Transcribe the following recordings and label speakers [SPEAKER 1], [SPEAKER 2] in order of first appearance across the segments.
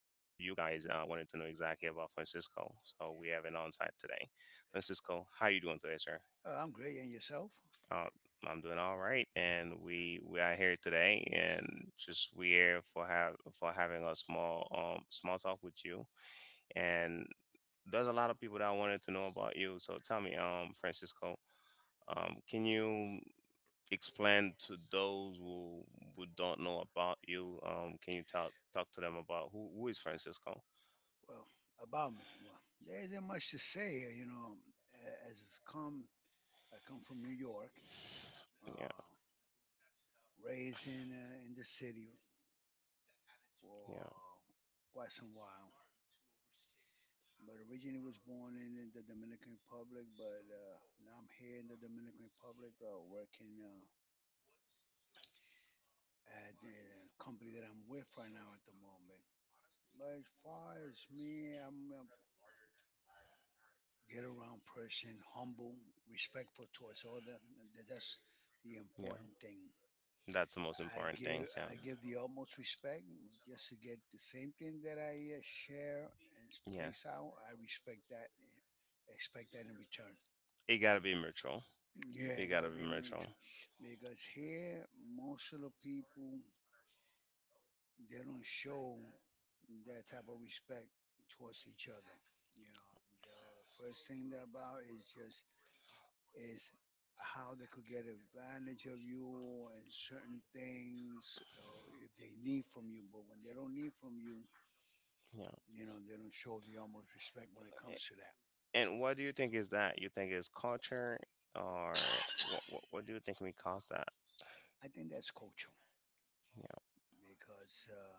[SPEAKER 1] guys wanted to know exactly about Francisco. So we have an on-site today. Francisco, how you doing today, sir?
[SPEAKER 2] Are I'm great, and yourself?
[SPEAKER 1] Uh, I'm doing all right, and we are here today, and just we here for having a small talk with you, and there's a lot of people that wanted to know about you. So tell me, Francisco, can you explain to those who don't know about you? Can you talk to them about who is Francisco?
[SPEAKER 2] Well, about me, there isn't much to say here. You know, as it's come, I come from New York,
[SPEAKER 1] Yeah,
[SPEAKER 2] uh, raised in the city
[SPEAKER 1] yeah,
[SPEAKER 2] for quite some while. But originally was born in the Dominican Republic, but now I'm here in the Dominican Republic, working at the company that I'm with right now at the moment. But as far as me, I'm get around person, humble, respectful towards other. That's the
[SPEAKER 1] yeah.
[SPEAKER 2] important thing.
[SPEAKER 1] That's the most
[SPEAKER 2] I
[SPEAKER 1] important
[SPEAKER 2] give
[SPEAKER 1] thing. Yeah.
[SPEAKER 2] I give the utmost respect just to get the same thing that I share and place
[SPEAKER 1] Yes.
[SPEAKER 2] out. I respect that, expect that in return.
[SPEAKER 1] It gotta be mutual.
[SPEAKER 2] Yeah,
[SPEAKER 1] It
[SPEAKER 2] it
[SPEAKER 1] gotta
[SPEAKER 2] gotta
[SPEAKER 1] be
[SPEAKER 2] be
[SPEAKER 1] mutual.
[SPEAKER 2] mutual because here most of the people they don't show that type of respect towards each other. You know, the first thing they're about is just is how they could get advantage of you and certain things if they need from you. But when they don't need from you,
[SPEAKER 1] Yeah.
[SPEAKER 2] you know, they don't show the utmost respect when it comes to that.
[SPEAKER 1] And what do you think is that? You think it's culture, or what? What do you think we cause that?
[SPEAKER 2] I think that's culture
[SPEAKER 1] Yeah,
[SPEAKER 2] because,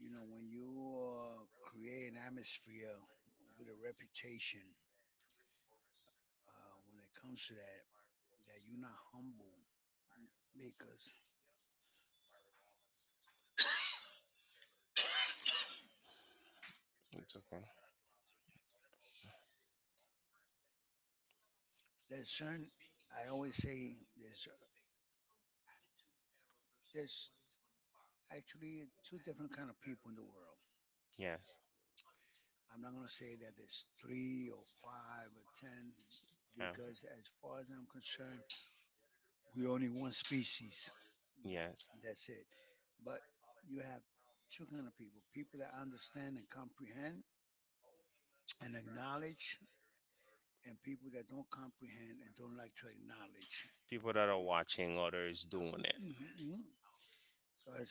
[SPEAKER 2] you know, when you create an atmosphere with a reputation, when it comes to that, that you're not humble because
[SPEAKER 1] it's okay.
[SPEAKER 2] there's certain, I always say there's actually two different kind of people in the world.
[SPEAKER 1] Yes.
[SPEAKER 2] I'm not going to say that there's three or five or ten
[SPEAKER 1] Yeah.
[SPEAKER 2] because, as far as I'm concerned, we're only one species.
[SPEAKER 1] Yes.
[SPEAKER 2] That's it. But you have two kind of people: people that understand and comprehend and acknowledge, and people that don't comprehend and don't like to acknowledge.
[SPEAKER 1] People
[SPEAKER 2] People
[SPEAKER 1] that
[SPEAKER 2] that
[SPEAKER 1] are
[SPEAKER 2] are watching
[SPEAKER 1] watching others doing it.
[SPEAKER 2] others. Because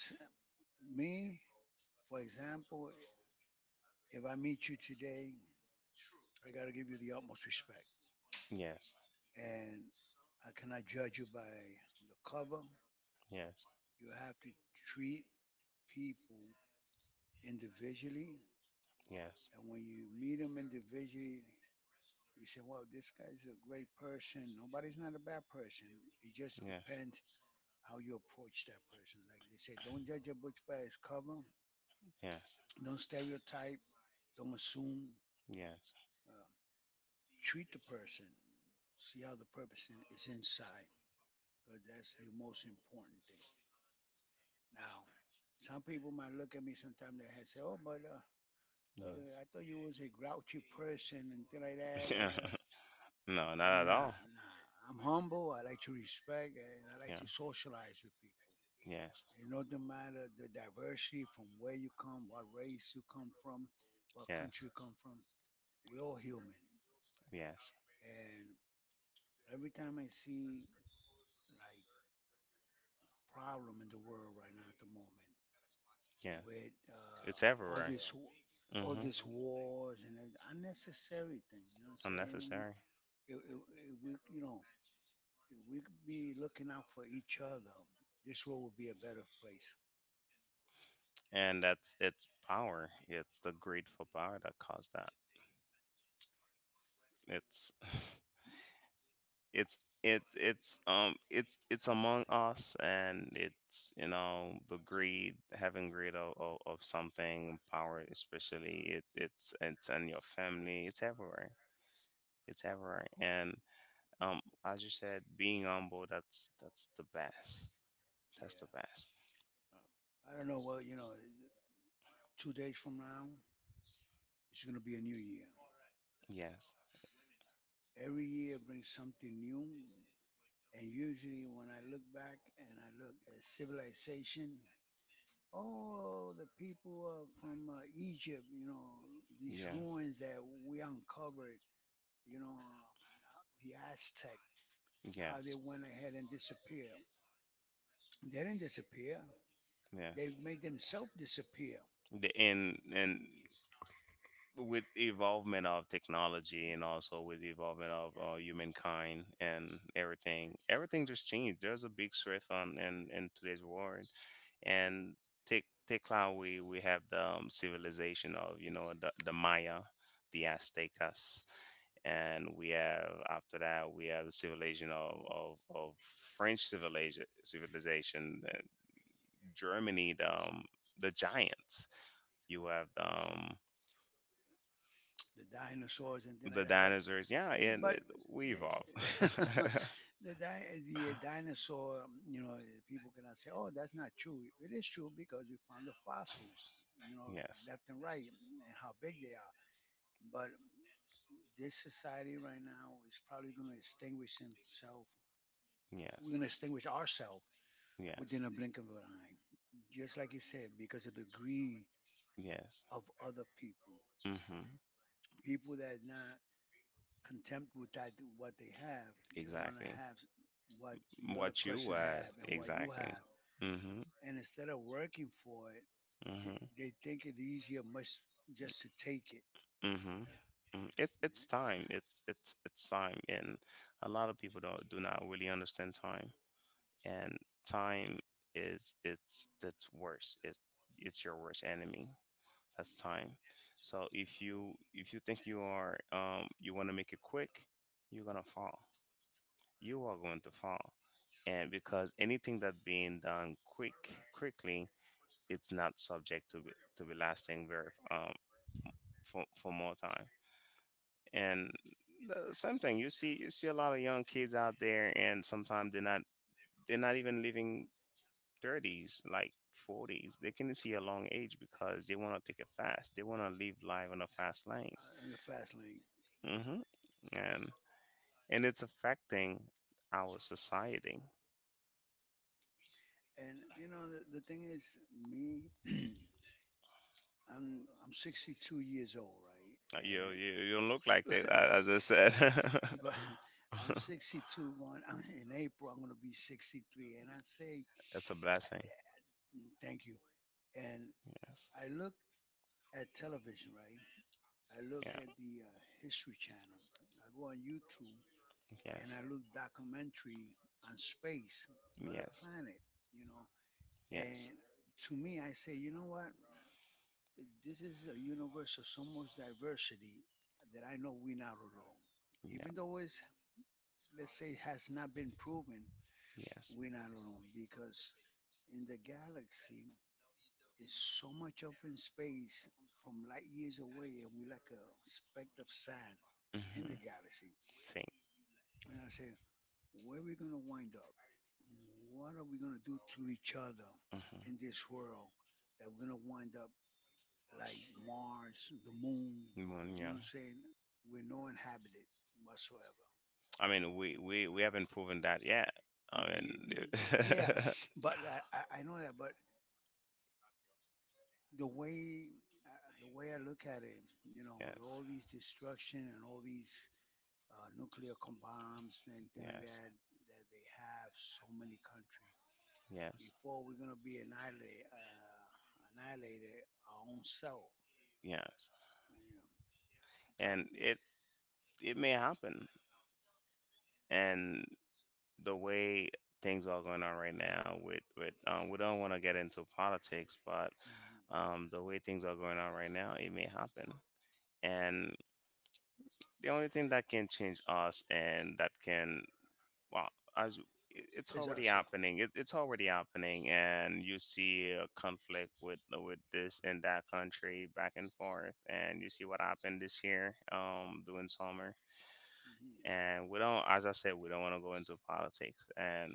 [SPEAKER 2] me, for example, if I meet you today, I got to give you the utmost respect,
[SPEAKER 1] Yes.
[SPEAKER 2] and I cannot judge you by the cover.
[SPEAKER 1] Yes.
[SPEAKER 2] You have to treat people individually,
[SPEAKER 1] Yes.
[SPEAKER 2] and when you meet them individually, you say, "Well, this guy's a great person. Nobody's not a bad person. It just depends how you approach that person." Like they say, don't judge a book by its cover. Don't stereotype. Don't assume.
[SPEAKER 1] Yes.
[SPEAKER 2] Uh, Treat the person. See how the person is inside. Because that's the most important thing. Now, some people might look at me sometime they had say, "Oh, but look,
[SPEAKER 1] Yes.
[SPEAKER 2] I thought you was a grouchy person and things like
[SPEAKER 1] Like
[SPEAKER 2] that."
[SPEAKER 1] that.
[SPEAKER 2] And,
[SPEAKER 1] Yeah. No, not
[SPEAKER 2] I'm
[SPEAKER 1] at
[SPEAKER 2] not.
[SPEAKER 1] all.
[SPEAKER 2] Nah. I'm humble. I like to respect and I like
[SPEAKER 1] Yeah.
[SPEAKER 2] to
[SPEAKER 1] Yes.
[SPEAKER 2] socialize with people. It doesn't matter the diversity from where you come, what race you come from, what
[SPEAKER 1] Yes.
[SPEAKER 2] country you come from. We're all human.
[SPEAKER 1] Yes.
[SPEAKER 2] And every time I see like problem in the world right now at the moment,
[SPEAKER 1] Yeah.
[SPEAKER 2] with
[SPEAKER 1] It's
[SPEAKER 2] all
[SPEAKER 1] everywhere.
[SPEAKER 2] this w- all
[SPEAKER 1] Hmm.
[SPEAKER 2] these wars and unnecessary thing. You know what I'm saying?
[SPEAKER 1] Unnecessary.
[SPEAKER 2] You know, if we could be looking out for each other, this world would be a better place.
[SPEAKER 1] And that's it's power. It's the greed for power that caused that. It's it's it's among us, and it's the greed, having greed of something, power especially. It's in your family, it's everywhere.
[SPEAKER 2] Well,
[SPEAKER 1] And as you said, being humble, that's
[SPEAKER 2] yeah.
[SPEAKER 1] the best.
[SPEAKER 2] I don't know. Well, you know, 2 days from now, it's going to be a new year.
[SPEAKER 1] Yes.
[SPEAKER 2] Every year brings something new. And usually, when I look back and I look at civilization, oh, the people from Egypt, you know, these
[SPEAKER 1] Yeah.
[SPEAKER 2] ruins that we uncovered, you know, the Aztec, how they
[SPEAKER 1] Yes.
[SPEAKER 2] went ahead and disappeared. They didn't disappear.
[SPEAKER 1] Yes.
[SPEAKER 2] They made themselves disappear.
[SPEAKER 1] The,
[SPEAKER 2] And, and
[SPEAKER 1] and
[SPEAKER 2] with
[SPEAKER 1] with
[SPEAKER 2] the
[SPEAKER 1] the
[SPEAKER 2] evolvement
[SPEAKER 1] evolvement
[SPEAKER 2] of
[SPEAKER 1] of
[SPEAKER 2] technology
[SPEAKER 1] technology,
[SPEAKER 2] and
[SPEAKER 1] and
[SPEAKER 2] also
[SPEAKER 1] also
[SPEAKER 2] with
[SPEAKER 1] with
[SPEAKER 2] the
[SPEAKER 1] the evolvement
[SPEAKER 2] evolvement of
[SPEAKER 1] of humankind, and
[SPEAKER 2] humankind and everything,
[SPEAKER 1] everything,
[SPEAKER 2] everything
[SPEAKER 1] everything just
[SPEAKER 2] just changed.
[SPEAKER 1] changed. There's
[SPEAKER 2] There's
[SPEAKER 1] a
[SPEAKER 2] a big
[SPEAKER 1] big
[SPEAKER 2] shift
[SPEAKER 1] shift
[SPEAKER 2] on
[SPEAKER 1] on
[SPEAKER 2] and big
[SPEAKER 1] in today's world,
[SPEAKER 2] wars. And
[SPEAKER 1] and take how we have the civilization of the Maya, the Aztecas, and we have, after that, we have the civilization of of French civilization, Germany, the Giants. You have
[SPEAKER 2] the dinosaurs and things The like
[SPEAKER 1] the
[SPEAKER 2] that. But
[SPEAKER 1] dinosaurs. Yeah, and
[SPEAKER 2] we
[SPEAKER 1] we evolved.
[SPEAKER 2] evolved. The, the, di- The dinosaur, you know, people cannot say, oh, that's not true. It is true because we found the fossils, you know,
[SPEAKER 1] Yes,
[SPEAKER 2] left and right, and how big they are. But this society right now is probably going to extinguish itself. We're
[SPEAKER 1] yes,
[SPEAKER 2] going to extinguish ourselves
[SPEAKER 1] yes,
[SPEAKER 2] within a blink of an eye, just like you said, because of the greed
[SPEAKER 1] yes.
[SPEAKER 2] of other people,
[SPEAKER 1] Hmm.
[SPEAKER 2] people that not contempt with that what they have. They want to
[SPEAKER 1] Exactly.
[SPEAKER 2] have what the other
[SPEAKER 1] What you
[SPEAKER 2] person
[SPEAKER 1] were,
[SPEAKER 2] have and what you
[SPEAKER 1] exactly.
[SPEAKER 2] have,
[SPEAKER 1] Mm-hmm.
[SPEAKER 2] and instead of working for it,
[SPEAKER 1] Mm-hmm.
[SPEAKER 2] they think it easier much just to take it.
[SPEAKER 1] Mm-hmm.
[SPEAKER 2] Yeah.
[SPEAKER 1] Mm. It's
[SPEAKER 2] Yeah.
[SPEAKER 1] time. It's time, and a lot of people don't do not really understand time. And time is, it's, that's worse. It's your worst enemy. That's time. So if you think you are, you want to make it quick, you're gonna fall. You are going to fall, and because anything that's being done quickly it's not subject to be, lasting very, for more time. And the same thing, you see a lot of young kids out there, and sometimes they're not even living thirties, like 40s. They can see a long age because they want to take it fast, they want to live life on a fast lane.
[SPEAKER 2] Yeah. In the fast lane.
[SPEAKER 1] hmm and
[SPEAKER 2] And
[SPEAKER 1] it's affecting our society.
[SPEAKER 2] And you know the thing is, me I'm 62 years old, right?
[SPEAKER 1] Uh, you
[SPEAKER 2] And
[SPEAKER 1] you, you don't look like that, as I said.
[SPEAKER 2] but I'm 62 going in April. I'm going to be 63, and I say
[SPEAKER 1] It's a blessing.
[SPEAKER 2] mm, thank you. And
[SPEAKER 1] Yes.
[SPEAKER 2] I look at television, right? I look
[SPEAKER 1] Yeah.
[SPEAKER 2] at the History Channel. I go on YouTube and
[SPEAKER 1] Yes.
[SPEAKER 2] I look documentary on space or the
[SPEAKER 1] Yes.
[SPEAKER 2] planet, you know.
[SPEAKER 1] Yes.
[SPEAKER 2] And to me, I say, you know what? This is a universe of so much diversity that I know we're not alone. Even
[SPEAKER 1] Yeah.
[SPEAKER 2] though it's, let's say, has not been proven,
[SPEAKER 1] Yes.
[SPEAKER 2] we're not alone because in the galaxy is so much open space from light years away, and we're like a speck of sand in
[SPEAKER 1] Mm-hmm.
[SPEAKER 2] the galaxy.
[SPEAKER 1] See.
[SPEAKER 2] And I said, where are we going to wind up? What are we going to do to each other
[SPEAKER 1] Mm-hmm.
[SPEAKER 2] in this world that we're going to wind up like Mars, the moon,
[SPEAKER 1] Moon.
[SPEAKER 2] you know what
[SPEAKER 1] Yeah.
[SPEAKER 2] I'm saying? We're no inhabited whatsoever.
[SPEAKER 1] I mean, we haven't proven that yet. I mean,
[SPEAKER 2] Yeah, I know that, but the way the way I look at it, you know, with
[SPEAKER 1] yes.
[SPEAKER 2] all these destruction and all these bombs and things like
[SPEAKER 1] Yes.
[SPEAKER 2] that that they have so many countries.
[SPEAKER 1] Yes.
[SPEAKER 2] Before we're gonna be annihilated our own self.
[SPEAKER 1] Yes.
[SPEAKER 2] Yeah. But
[SPEAKER 1] And it may happen. And the way things are going on right now with, we don't want to get into politics, but
[SPEAKER 2] mhm.
[SPEAKER 1] the way things are going on right now, it may happen. And the only thing that can change us, and that can, well, it's
[SPEAKER 2] It's
[SPEAKER 1] already
[SPEAKER 2] awesome.
[SPEAKER 1] happening. It's already happening, and you see a conflict with, this and that country, back and forth, and you see what happened this year, during summer.
[SPEAKER 2] Mhm.
[SPEAKER 1] And we don't, as I said, we don't want to go into politics, and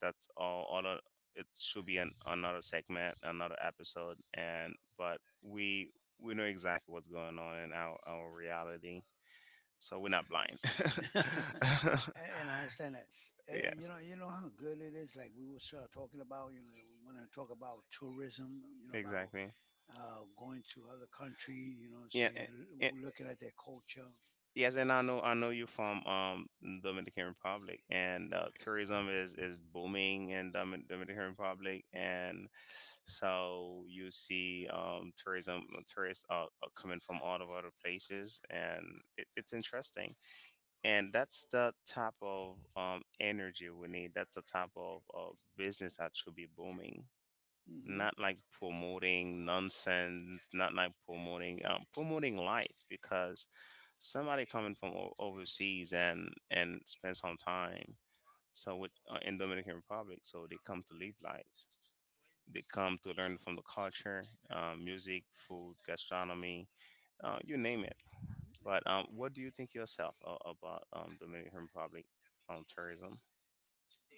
[SPEAKER 1] that's all. It should be another segment, another episode, and but we know exactly what's going on in our reality, so we're not blind.
[SPEAKER 2] and I understand that. And
[SPEAKER 1] Yes.
[SPEAKER 2] you know how good it is. Like we were sort of talking about, you know, we want to talk about tourism. You know, about
[SPEAKER 1] Exactly.
[SPEAKER 2] exactly. Going to other country. You know,
[SPEAKER 1] Yeah.
[SPEAKER 2] saying
[SPEAKER 1] A-
[SPEAKER 2] looking at their culture.
[SPEAKER 1] Yes, and I know you're from Dominican Republic, and tourism is booming in Dominican Republic, and so you see tourism tourists are coming from all of other places, and it's interesting, and that's the type of energy we need. That's the type of business that should be booming,
[SPEAKER 2] Hmm
[SPEAKER 1] not like promoting nonsense, not like promoting life, because somebody coming from overseas and spend some time, so with in Dominican Republic, so they come to live life. They come to learn from the culture, music, food, gastronomy, you name it. But what do you think yourself about Dominican Republic tourism?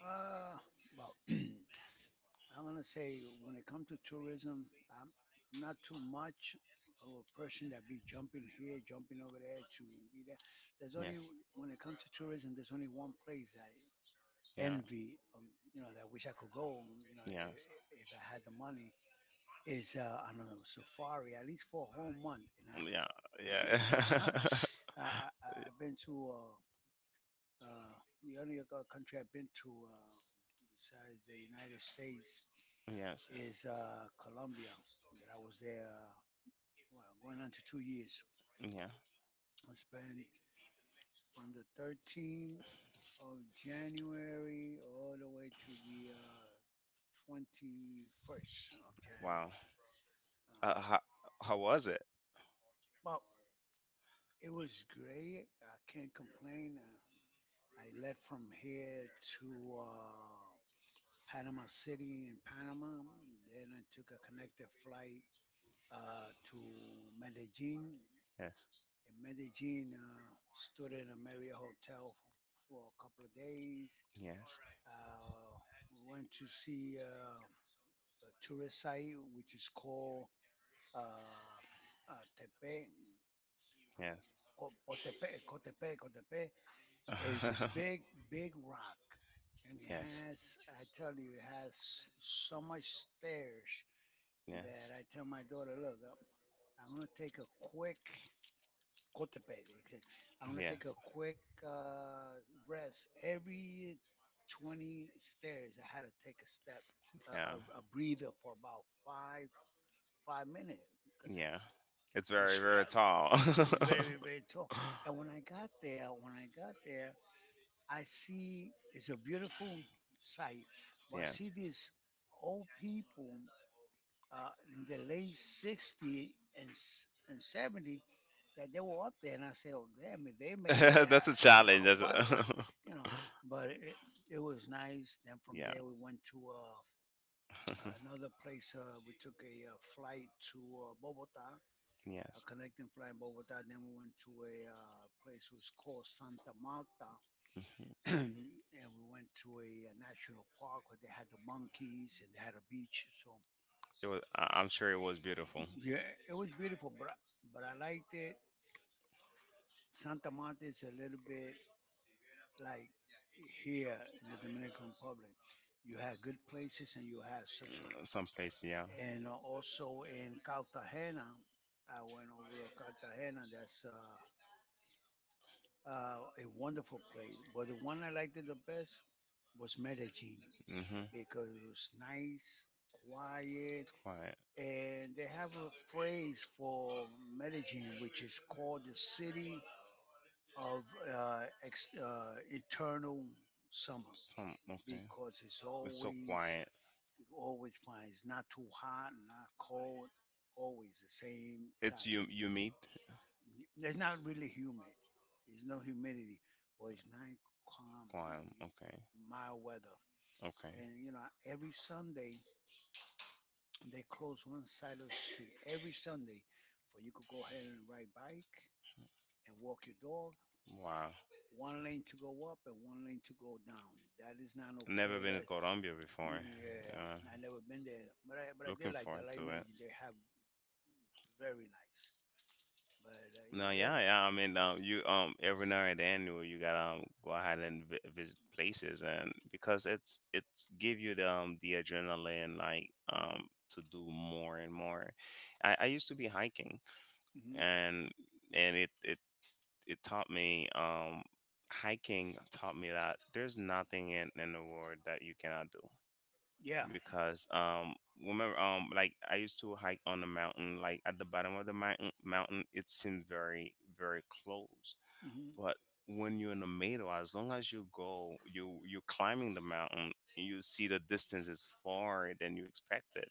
[SPEAKER 2] about well, I'm gonna say when it comes to tourism, I'm not too much of a person that be jumping here, jumping over there to be there. There's only
[SPEAKER 1] Yes.
[SPEAKER 2] When it comes to tourism, there's only one place I
[SPEAKER 1] Yeah.
[SPEAKER 2] envy, you know, that I wish I could go, you know,
[SPEAKER 1] Yes.
[SPEAKER 2] if I had the money, is I don't know safari at least for a whole month in
[SPEAKER 1] Yeah.
[SPEAKER 2] Africa. you
[SPEAKER 1] Yeah.
[SPEAKER 2] know, I, I've been to uh, the only other country I've been to besides the United States
[SPEAKER 1] Yes.
[SPEAKER 2] is Colombia. That I was there well, going on to 2 years.
[SPEAKER 1] Yeah.
[SPEAKER 2] I spent from the 13th of January all the way to the 21st of
[SPEAKER 1] Wow.
[SPEAKER 2] January.
[SPEAKER 1] Uh, how,
[SPEAKER 2] Uh,
[SPEAKER 1] how was it?
[SPEAKER 2] well, It was great. I can't complain. I left from here to uh, Panama City in Panama. Then I took a connected flight to Medellin.
[SPEAKER 1] Yes.
[SPEAKER 2] In Medellin, stood in a Marriott hotel for a couple of days.
[SPEAKER 1] Yes.
[SPEAKER 2] Uh, we went to see a tourist site, which is
[SPEAKER 1] Yes.
[SPEAKER 2] called uh, uh, Tepe,
[SPEAKER 1] Yes.
[SPEAKER 2] Cotepe. It's this big, big rock, and it
[SPEAKER 1] Yes.
[SPEAKER 2] has,
[SPEAKER 1] Yes.
[SPEAKER 2] I tell you, it has so much stairs that I tell my daughter, look, I'm going to take a quick Cotepec. okay, I'm going to take a
[SPEAKER 1] Yes.
[SPEAKER 2] quick uh, rest. Every 20 stairs, I had to take a step,
[SPEAKER 1] Yeah.
[SPEAKER 2] a breather for about 5 minutes because
[SPEAKER 1] Yeah. It's very,
[SPEAKER 2] it's,
[SPEAKER 1] very tall.
[SPEAKER 2] it's very, very tall. And when I got there, when I got there, I see it's a beautiful sight, but I
[SPEAKER 1] Yeah.
[SPEAKER 2] see these old people in the late 60s and and 70 that they were up there, and I said, "Oh, damn it, they made it."
[SPEAKER 1] That's a challenge. That's
[SPEAKER 2] Why,
[SPEAKER 1] a
[SPEAKER 2] you know? But it was nice. Then from
[SPEAKER 1] yeah.
[SPEAKER 2] there we went to another place. We took a flight to Bogota, a
[SPEAKER 1] Yes.
[SPEAKER 2] connecting flight in Bogota. Then we went to a place which was called Santa Marta and we went to a, national park where they had the monkeys and they had a beach. So
[SPEAKER 1] It was. I'm sure it was beautiful.
[SPEAKER 2] yeah, it was beautiful, but I liked it. Santa Marta is a little bit like here in the Dominican Republic. You have good places and you have such a
[SPEAKER 1] Mm, some place, yeah.
[SPEAKER 2] and also in Cartagena, I went over to Cartagena. That's a wonderful place. But the one I liked the best was Medellin
[SPEAKER 1] Mhm.
[SPEAKER 2] because it was nice, quiet,
[SPEAKER 1] Quiet.
[SPEAKER 2] and they have a phrase for Medellin, which is called the city of eternal summer,
[SPEAKER 1] Some, okay.
[SPEAKER 2] because it's
[SPEAKER 1] It's so
[SPEAKER 2] always
[SPEAKER 1] quiet.
[SPEAKER 2] you always find it's not too hot, not cold, always the same
[SPEAKER 1] It's
[SPEAKER 2] time.
[SPEAKER 1] you. You meet.
[SPEAKER 2] It's not really humid. There's no humidity, but it's nice, calm,
[SPEAKER 1] Quiet. Okay.
[SPEAKER 2] mild weather.
[SPEAKER 1] Okay.
[SPEAKER 2] And you know, every Sunday they close one side of the street every Sunday for you could go ahead and ride bike and walk your dog.
[SPEAKER 1] Wow.
[SPEAKER 2] One lane to go up and one lane to go down. That is not
[SPEAKER 1] Never
[SPEAKER 2] okay.
[SPEAKER 1] been to Colombia before.
[SPEAKER 2] Yeah,
[SPEAKER 1] Uh,
[SPEAKER 2] I never been there, but I did
[SPEAKER 1] looking
[SPEAKER 2] like that.
[SPEAKER 1] forward
[SPEAKER 2] Like I
[SPEAKER 1] to.
[SPEAKER 2] mean, they have very nice. But
[SPEAKER 1] No,
[SPEAKER 2] there's
[SPEAKER 1] yeah, yeah. I mean, you, every now and then you gotta, go ahead and visit places, and because it's give you the, the adrenaline, like, to do more and more. I used to be hiking,
[SPEAKER 2] hmm
[SPEAKER 1] and and it it it taught me, hiking taught me that there's nothing in the world that you cannot do,
[SPEAKER 2] yeah,
[SPEAKER 1] because remember, like I used to hike on the mountain, like at the bottom of the mountain it seemed very, very close,
[SPEAKER 2] hmm
[SPEAKER 1] but when you're in the middle, as long as you go, you're climbing the mountain, you see the distance is far than you expected,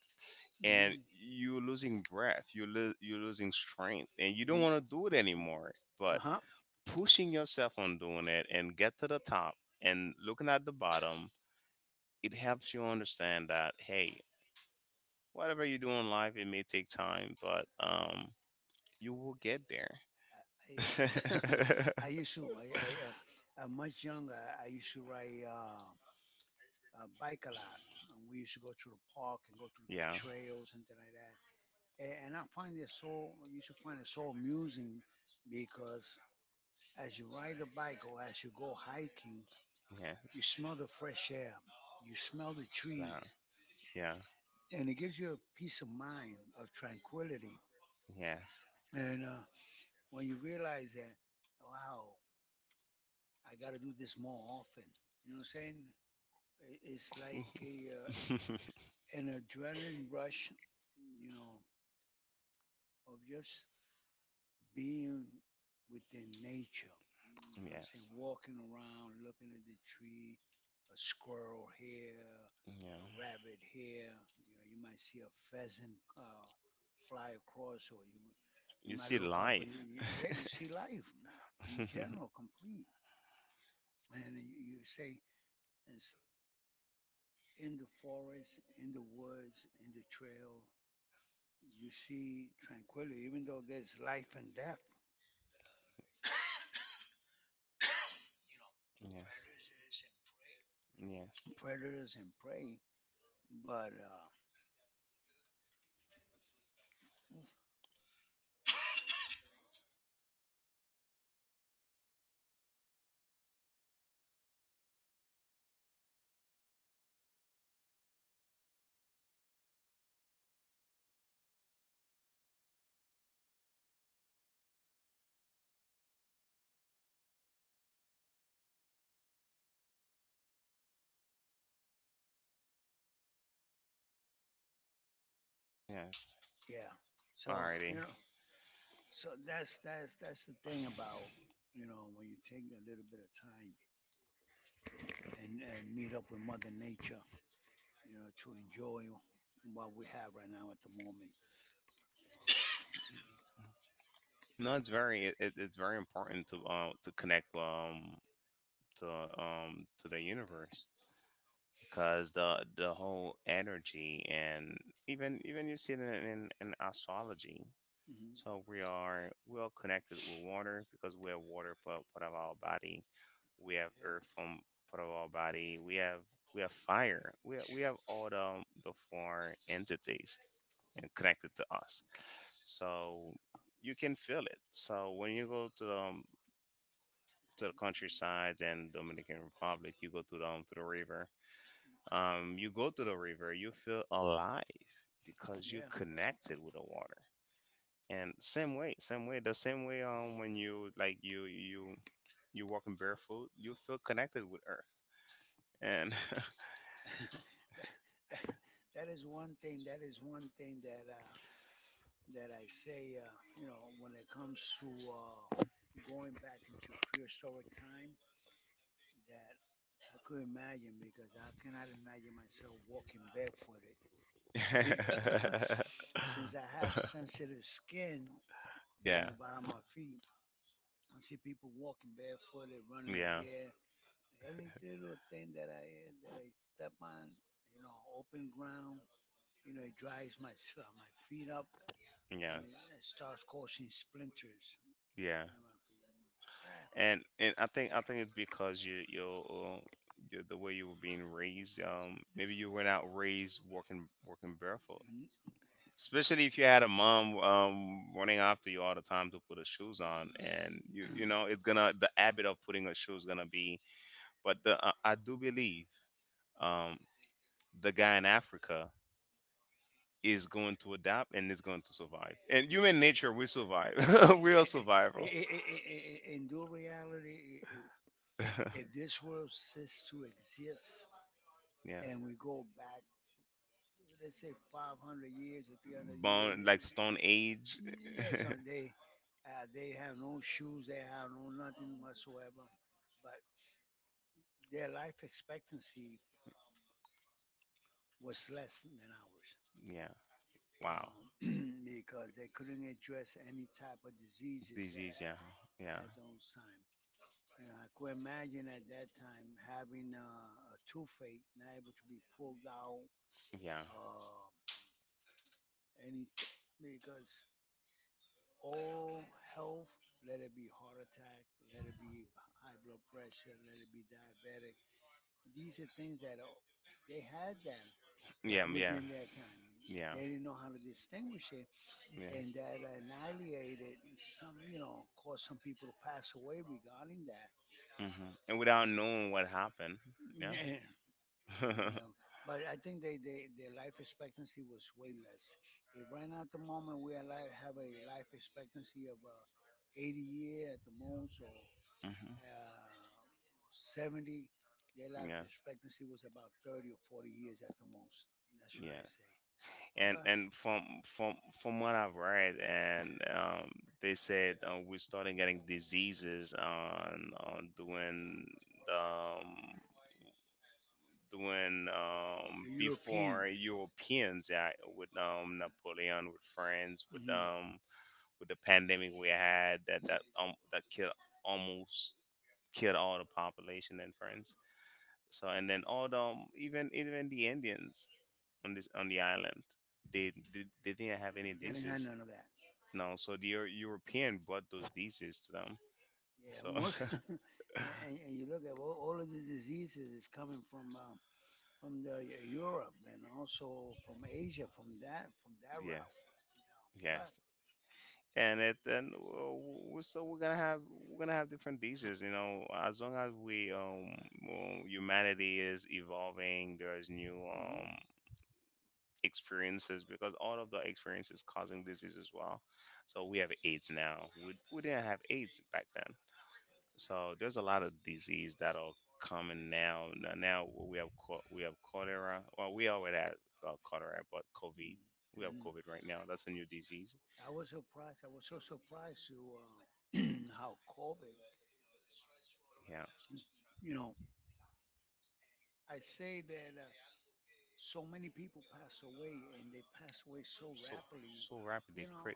[SPEAKER 1] and
[SPEAKER 2] hmm
[SPEAKER 1] you're losing breath, you're losing strength and you don't want to do it
[SPEAKER 2] hmm
[SPEAKER 1] anymore,
[SPEAKER 2] uh
[SPEAKER 1] but
[SPEAKER 2] huh,
[SPEAKER 1] pushing yourself on doing it and get to the top, and looking at the bottom, it helps you understand that, hey, whatever you do in life, it may take time, but you will get there.
[SPEAKER 2] I, I used to. I'm much younger. I used to ride bike a lot, and we used to go to the park and go through the
[SPEAKER 1] Yeah,
[SPEAKER 2] trails and things like that. And I find it so. You should find it so amusing because as you ride the bike or as you go hiking,
[SPEAKER 1] yeah,
[SPEAKER 2] you smell the fresh air, you smell the trees,
[SPEAKER 1] yeah,
[SPEAKER 2] and it gives you a peace of mind of tranquility.
[SPEAKER 1] yeah, yes,
[SPEAKER 2] And when you realize that, wow, I got to do this more often. You know what I'm saying? It's like a an adrenaline rush, you know, of just being within nature. You know what I'm saying?
[SPEAKER 1] yes,
[SPEAKER 2] Walking around, looking at the tree, a squirrel here, a
[SPEAKER 1] yeah.
[SPEAKER 2] rabbit here. You know, you might see a pheasant fly across, or you
[SPEAKER 1] You
[SPEAKER 2] might
[SPEAKER 1] see
[SPEAKER 2] look up and
[SPEAKER 1] life.
[SPEAKER 2] yeah, you see life in
[SPEAKER 1] Yeah.
[SPEAKER 2] general complete. And you say, and in the forest, in the woods, in the trail, you see tranquility, even though there's life and death,
[SPEAKER 1] Yes.
[SPEAKER 2] predators and prey. But
[SPEAKER 1] Yes.
[SPEAKER 2] yeah, so
[SPEAKER 1] Alrighty.
[SPEAKER 2] so that's the thing about when you take a little bit of time and meet up with Mother Nature, you know, to enjoy what we have right now at the moment.
[SPEAKER 1] No, it's very, it's very important to, to connect, to, to the universe, because the whole energy and, even you see it in, in astrology.
[SPEAKER 2] Hmm.
[SPEAKER 1] So we are well connected with water, because we have water, part of our body. We have
[SPEAKER 2] Yep.
[SPEAKER 1] earth from part of our body. We have fire. We have all the four entities and connected to us. So you can feel it. So when you go to the, countryside and Dominican Republic, you go to the river. You go to the river, you feel alive, because you're
[SPEAKER 2] Yeah.
[SPEAKER 1] connected with the water. And same way, when you, like, you you walking barefoot, you feel connected with earth, and
[SPEAKER 2] that, that, that is one thing. That is one thing that that I say. You know, when it comes to going back into prehistoric time, that I could imagine because I cannot imagine myself walking barefooted.
[SPEAKER 1] yeah,
[SPEAKER 2] Because since I have sensitive skin on
[SPEAKER 1] yeah,
[SPEAKER 2] the bottom of my feet, I see people walking barefooted, running here every little thing that I step on, you know, open ground, you know, it dries my my feet up, and
[SPEAKER 1] yeah,
[SPEAKER 2] it starts causing splinters
[SPEAKER 1] yeah,
[SPEAKER 2] in my feet. Ah,
[SPEAKER 1] and I think it's because the way you were being raised, maybe you were not raised walking barefoot,
[SPEAKER 2] mm,
[SPEAKER 1] especially if you had a mom, running after you
[SPEAKER 2] my
[SPEAKER 1] all the time to put her shoes on, and
[SPEAKER 2] mm,
[SPEAKER 1] you know it's gonna, the habit of putting her shoes gonna be. But the, I do believe, um, the guy in Africa is going to adapt and is going to survive, and human nature, we survive. We are
[SPEAKER 2] yeah,
[SPEAKER 1] survival.
[SPEAKER 2] in dual reality, if this world ceased to exist
[SPEAKER 1] Yeah.
[SPEAKER 2] and we go back. They say 500 years or 300 years.
[SPEAKER 1] Bone like stone age.
[SPEAKER 2] Yeah, son, they have no shoes, they have no nothing whatsoever. But their life expectancy was less than ours
[SPEAKER 1] Yeah. Wow.
[SPEAKER 2] um, because they couldn't address any type of diseases
[SPEAKER 1] Disease, yeah, yeah,
[SPEAKER 2] at those time. You know, I could imagine at that time having a toothache, not able to be pulled out,
[SPEAKER 1] yeah,
[SPEAKER 2] um any because all health, let it be heart attack, let it be high blood pressure, let it be diabetic. These are things that are, they had that
[SPEAKER 1] yeah, yeah,
[SPEAKER 2] within yeah. that time. Yeah.
[SPEAKER 1] yeah,
[SPEAKER 2] They didn't know how to distinguish it, and
[SPEAKER 1] yes.
[SPEAKER 2] that annihilated some, you know, caused some people to pass away regarding that.
[SPEAKER 1] Hmm. And without knowing what happened, yeah.
[SPEAKER 2] Yeah, and when, but I think they their life expectancy was way less. If right now at the moment we have a life expectancy of 80 year at the most, or
[SPEAKER 1] Hmm.
[SPEAKER 2] uh, 70, their life
[SPEAKER 1] Yes.
[SPEAKER 2] expectancy was about 30 or 40 years at the most. That's what
[SPEAKER 1] Yeah.
[SPEAKER 2] I say.
[SPEAKER 1] And
[SPEAKER 2] But
[SPEAKER 1] from what I've read, and they said, we started getting diseases on the, um, doing,
[SPEAKER 2] from the European,
[SPEAKER 1] before Europeans.
[SPEAKER 2] in
[SPEAKER 1] Yeah, with, Napoleon, with France, with,
[SPEAKER 2] mhm,
[SPEAKER 1] the pandemic, we had that, killed almost, killed all the population in France. So, and then all the, even the Indians on this on the island. They didn't have any
[SPEAKER 2] they didn't have
[SPEAKER 1] dishes.
[SPEAKER 2] none of that.
[SPEAKER 1] No, so the European brought those dishes to them.
[SPEAKER 2] Yeah,
[SPEAKER 1] So
[SPEAKER 2] most, and you look at all of the diseases is coming from the Europe and also from Asia, from that route.
[SPEAKER 1] yes,
[SPEAKER 2] But
[SPEAKER 1] yes. And it then we're, so we're gonna have different dishes, you know. As long as we, well, humanity is evolving, there's new,
[SPEAKER 2] new mm-hmm.
[SPEAKER 1] experiences, because all of the experiences causing disease as well. So we have AIDS now. We didn't have AIDS back then. So there's a lot of disease that are coming now. Now we have, we have cholera. Well, we already had, cholera, but COVID.
[SPEAKER 2] Mm,
[SPEAKER 1] We have
[SPEAKER 2] we mhm.
[SPEAKER 1] COVID right now. That's a new disease.
[SPEAKER 2] I was surprised. I was so surprised to how COVID,
[SPEAKER 1] Yeah.
[SPEAKER 2] you know, I say that so many people pass away and they pass away so
[SPEAKER 1] So
[SPEAKER 2] rapidly.
[SPEAKER 1] so rapidly.
[SPEAKER 2] You know,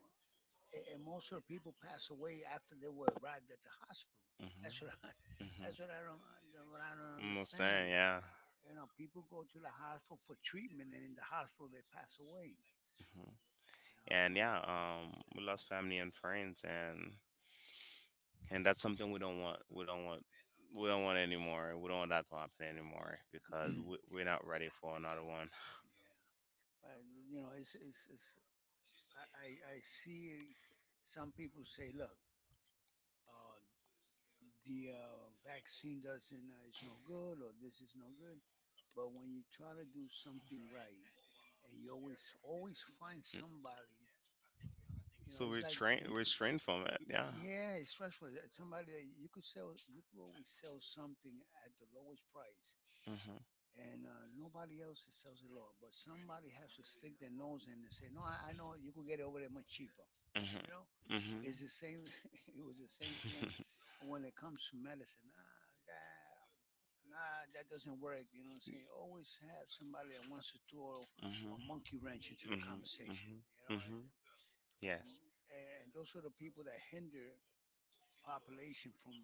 [SPEAKER 2] and most of the people pass away after they were arrived at the hospital. That's what I,
[SPEAKER 1] Mm-hmm.
[SPEAKER 2] that's what I don't
[SPEAKER 1] Mm-hmm. Understand?
[SPEAKER 2] understand.
[SPEAKER 1] Yeah.
[SPEAKER 2] You know, people go to the hospital for treatment, and in the hospital they pass away. You
[SPEAKER 1] Mhm.
[SPEAKER 2] know,
[SPEAKER 1] And
[SPEAKER 2] I mean,
[SPEAKER 1] yeah, we lost family and friends, and that's something we don't want. We don't want. We don't want anymore. We don't want that to happen anymore, because we, we're not ready for another one.
[SPEAKER 2] but you know, it's I, I I see some people say, look, uh, the vaccine doesn't is no good or this is no good. But when you try to do something right, and you always find
[SPEAKER 1] Mm.
[SPEAKER 2] somebody, you know,
[SPEAKER 1] So
[SPEAKER 2] it's
[SPEAKER 1] we're
[SPEAKER 2] like
[SPEAKER 1] trained,
[SPEAKER 2] you,
[SPEAKER 1] from it, yeah.
[SPEAKER 2] yeah. Yeah, it's stressful. That somebody that you could sell, you could always sell something at the lowest price,
[SPEAKER 1] Mhm.
[SPEAKER 2] and nobody else sells it low. But somebody has to stick their nose in and say, no, I know you could get it over there much cheaper.
[SPEAKER 1] Mhm.
[SPEAKER 2] You know,
[SPEAKER 1] Mhm.
[SPEAKER 2] it's the same. It was the same thing when it comes to medicine. Ah, that, nah, that doesn't work. You know what I'm saying? Always have somebody that wants to throw a
[SPEAKER 1] Mhm.
[SPEAKER 2] monkey wrench into the
[SPEAKER 1] Mhm.
[SPEAKER 2] conversation.
[SPEAKER 1] Mhm.
[SPEAKER 2] You know,
[SPEAKER 1] Mhm.
[SPEAKER 2] and
[SPEAKER 1] Yes.
[SPEAKER 2] and those are the people that hinder population from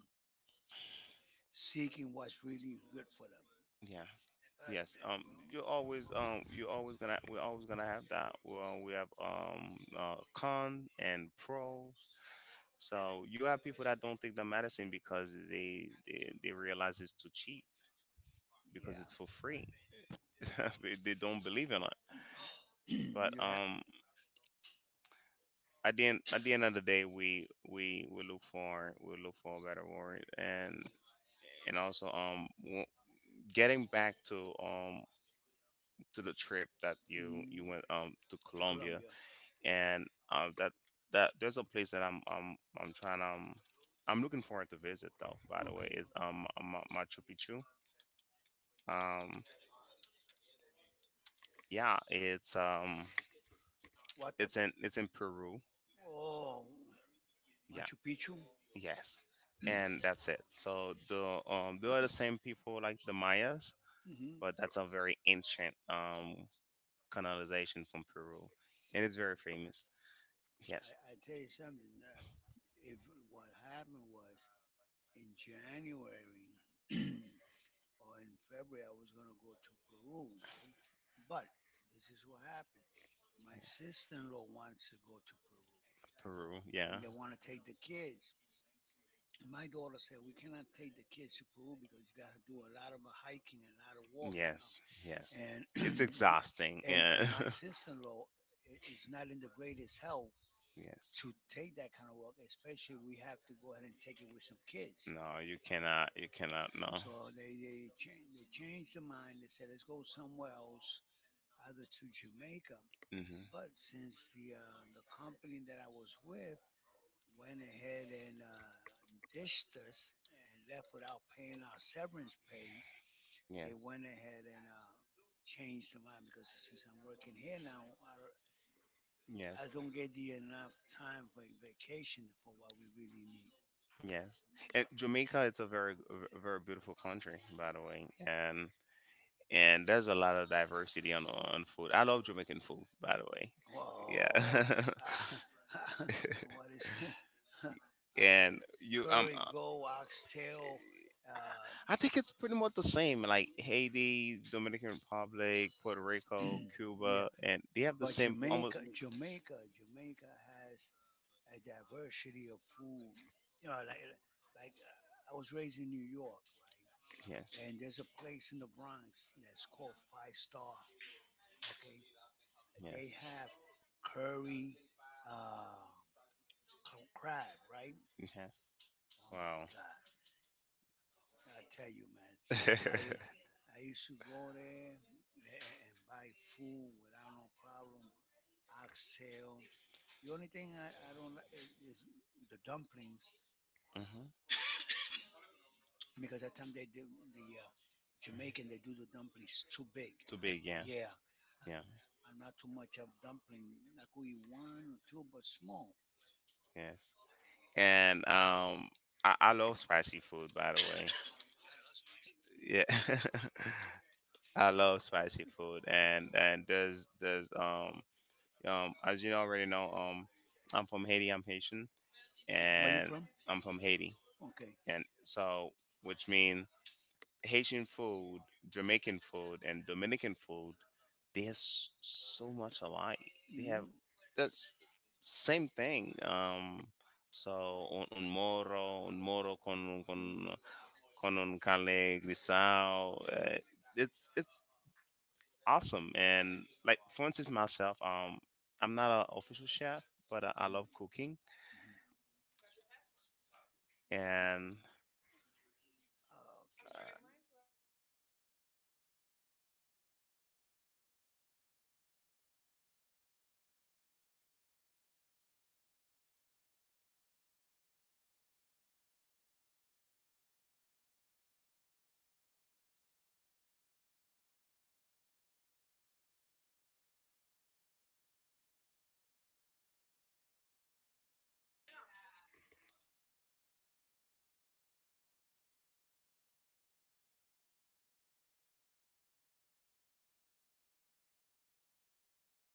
[SPEAKER 2] seeking what's really good for them.
[SPEAKER 1] Yeah. Yes. You're always, You're always gonna. We're always gonna have that. Well, we have, con and pro. So you have people that don't take the medicine because they realize it's too cheap, because
[SPEAKER 2] Yeah,
[SPEAKER 1] it's for free. They don't believe in it. But,
[SPEAKER 2] you have
[SPEAKER 1] at the end, of the day, we we look for a better word, and also, getting back to, to the trip that you
[SPEAKER 2] mm,
[SPEAKER 1] went, to
[SPEAKER 2] to
[SPEAKER 1] Colombia,
[SPEAKER 2] Colombia.
[SPEAKER 1] and, um that that there's a place that I'm trying, I'm looking forward to visit, though. By the way,
[SPEAKER 2] Okay.
[SPEAKER 1] is, Machu Picchu. Um, Yeah,
[SPEAKER 2] What the?
[SPEAKER 1] it's in Peru.
[SPEAKER 2] Oh,
[SPEAKER 1] Yeah,
[SPEAKER 2] Machu Picchu.
[SPEAKER 1] yes. And that's it. So they are the same people like the Mayas,
[SPEAKER 2] hmm
[SPEAKER 1] but that's a very ancient, colonization from Peru. And it's very famous.
[SPEAKER 2] Ancient
[SPEAKER 1] Yes.
[SPEAKER 2] I tell you something. If what happened was in January or in February, I was going to go to Peru, right? But this is what happened. My sister-in-law wants to go to Peru, yeah,
[SPEAKER 1] Peru.
[SPEAKER 2] and
[SPEAKER 1] Yeah.
[SPEAKER 2] they yes. Want to take the kids. And my daughter said we cannot take the kids to Peru because you got to do a lot of hiking and a lot of walking.
[SPEAKER 1] Yes. Yes.
[SPEAKER 2] And
[SPEAKER 1] It's
[SPEAKER 2] it's exhausting.
[SPEAKER 1] exhausting.
[SPEAKER 2] And
[SPEAKER 1] Yeah.
[SPEAKER 2] my sister-in-law is not in the greatest health
[SPEAKER 1] Yes.
[SPEAKER 2] to take that kind of walk, especially we have to go ahead and take it with some kids.
[SPEAKER 1] No, you cannot. You cannot. No.
[SPEAKER 2] So they they changed their mind. They said let's go somewhere else, either to Jamaica.
[SPEAKER 1] Hmm.
[SPEAKER 2] But since the company that I was with went ahead and dished us and left without paying our severance pay, they
[SPEAKER 1] Yes.
[SPEAKER 2] went ahead and changed their mind because since I'm working here now, I
[SPEAKER 1] Yes.
[SPEAKER 2] don't get the enough time for vacation for what we really need.
[SPEAKER 1] Really. Yes, and Jamaica, it's a very, beautiful country, by the way, and there's a lot of diversity on food. I love Jamaican food, by the way. Yeah,
[SPEAKER 2] Whoa, yeah. What is uh,
[SPEAKER 1] and you, big.
[SPEAKER 2] curry go oxtail? Uh,
[SPEAKER 1] I think it's pretty much the same. Like Haiti, Dominican Republic, Puerto Rico,
[SPEAKER 2] yeah,
[SPEAKER 1] Cuba, and they have the
[SPEAKER 2] but
[SPEAKER 1] same almost.
[SPEAKER 2] Jamaica has
[SPEAKER 1] I
[SPEAKER 2] a diversity of food.
[SPEAKER 1] like,
[SPEAKER 2] You know, like
[SPEAKER 1] like.
[SPEAKER 2] I was raised in New York, right?
[SPEAKER 1] Yes.
[SPEAKER 2] And there's a place in the Bronx that's called Five Star. Okay,
[SPEAKER 1] Yes.
[SPEAKER 2] they have curry, uh, c- crab, right?
[SPEAKER 1] Have.
[SPEAKER 2] Oh
[SPEAKER 1] Yeah.
[SPEAKER 2] my
[SPEAKER 1] Wow.
[SPEAKER 2] God! I tell you, man,
[SPEAKER 1] I used.
[SPEAKER 2] I I used to go there a- and buy food without no problem. Oxtail. The only thing I don't like is the dumplings
[SPEAKER 1] Hmm.
[SPEAKER 2] because that time they do the Jamaican they do the dumplings too big.
[SPEAKER 1] Too big. Yeah.
[SPEAKER 2] Yeah,
[SPEAKER 1] Yeah.
[SPEAKER 2] I,
[SPEAKER 1] Yeah.
[SPEAKER 2] I'm not too much of dumpling. I could eat one or two, but small.
[SPEAKER 1] Yes. And, I love spicy food, by the way. Yeah. I love spicy food, and there's as you already know, I'm from Haiti. I'm Haitian,
[SPEAKER 2] Where you
[SPEAKER 1] and
[SPEAKER 2] from?
[SPEAKER 1] I'm from Haiti,
[SPEAKER 2] Okay.
[SPEAKER 1] and so which mean Haitian food, Jamaican food, and Dominican food. They are, so much alike. They
[SPEAKER 2] Mm-hmm.
[SPEAKER 1] have, that's same thing. So un moro con, con un cale grisao. It's awesome, and like for instance myself, I'm not an official chef, but I love cooking,
[SPEAKER 2] Mm-hmm. And.
[SPEAKER 1] and
[SPEAKER 2] Um,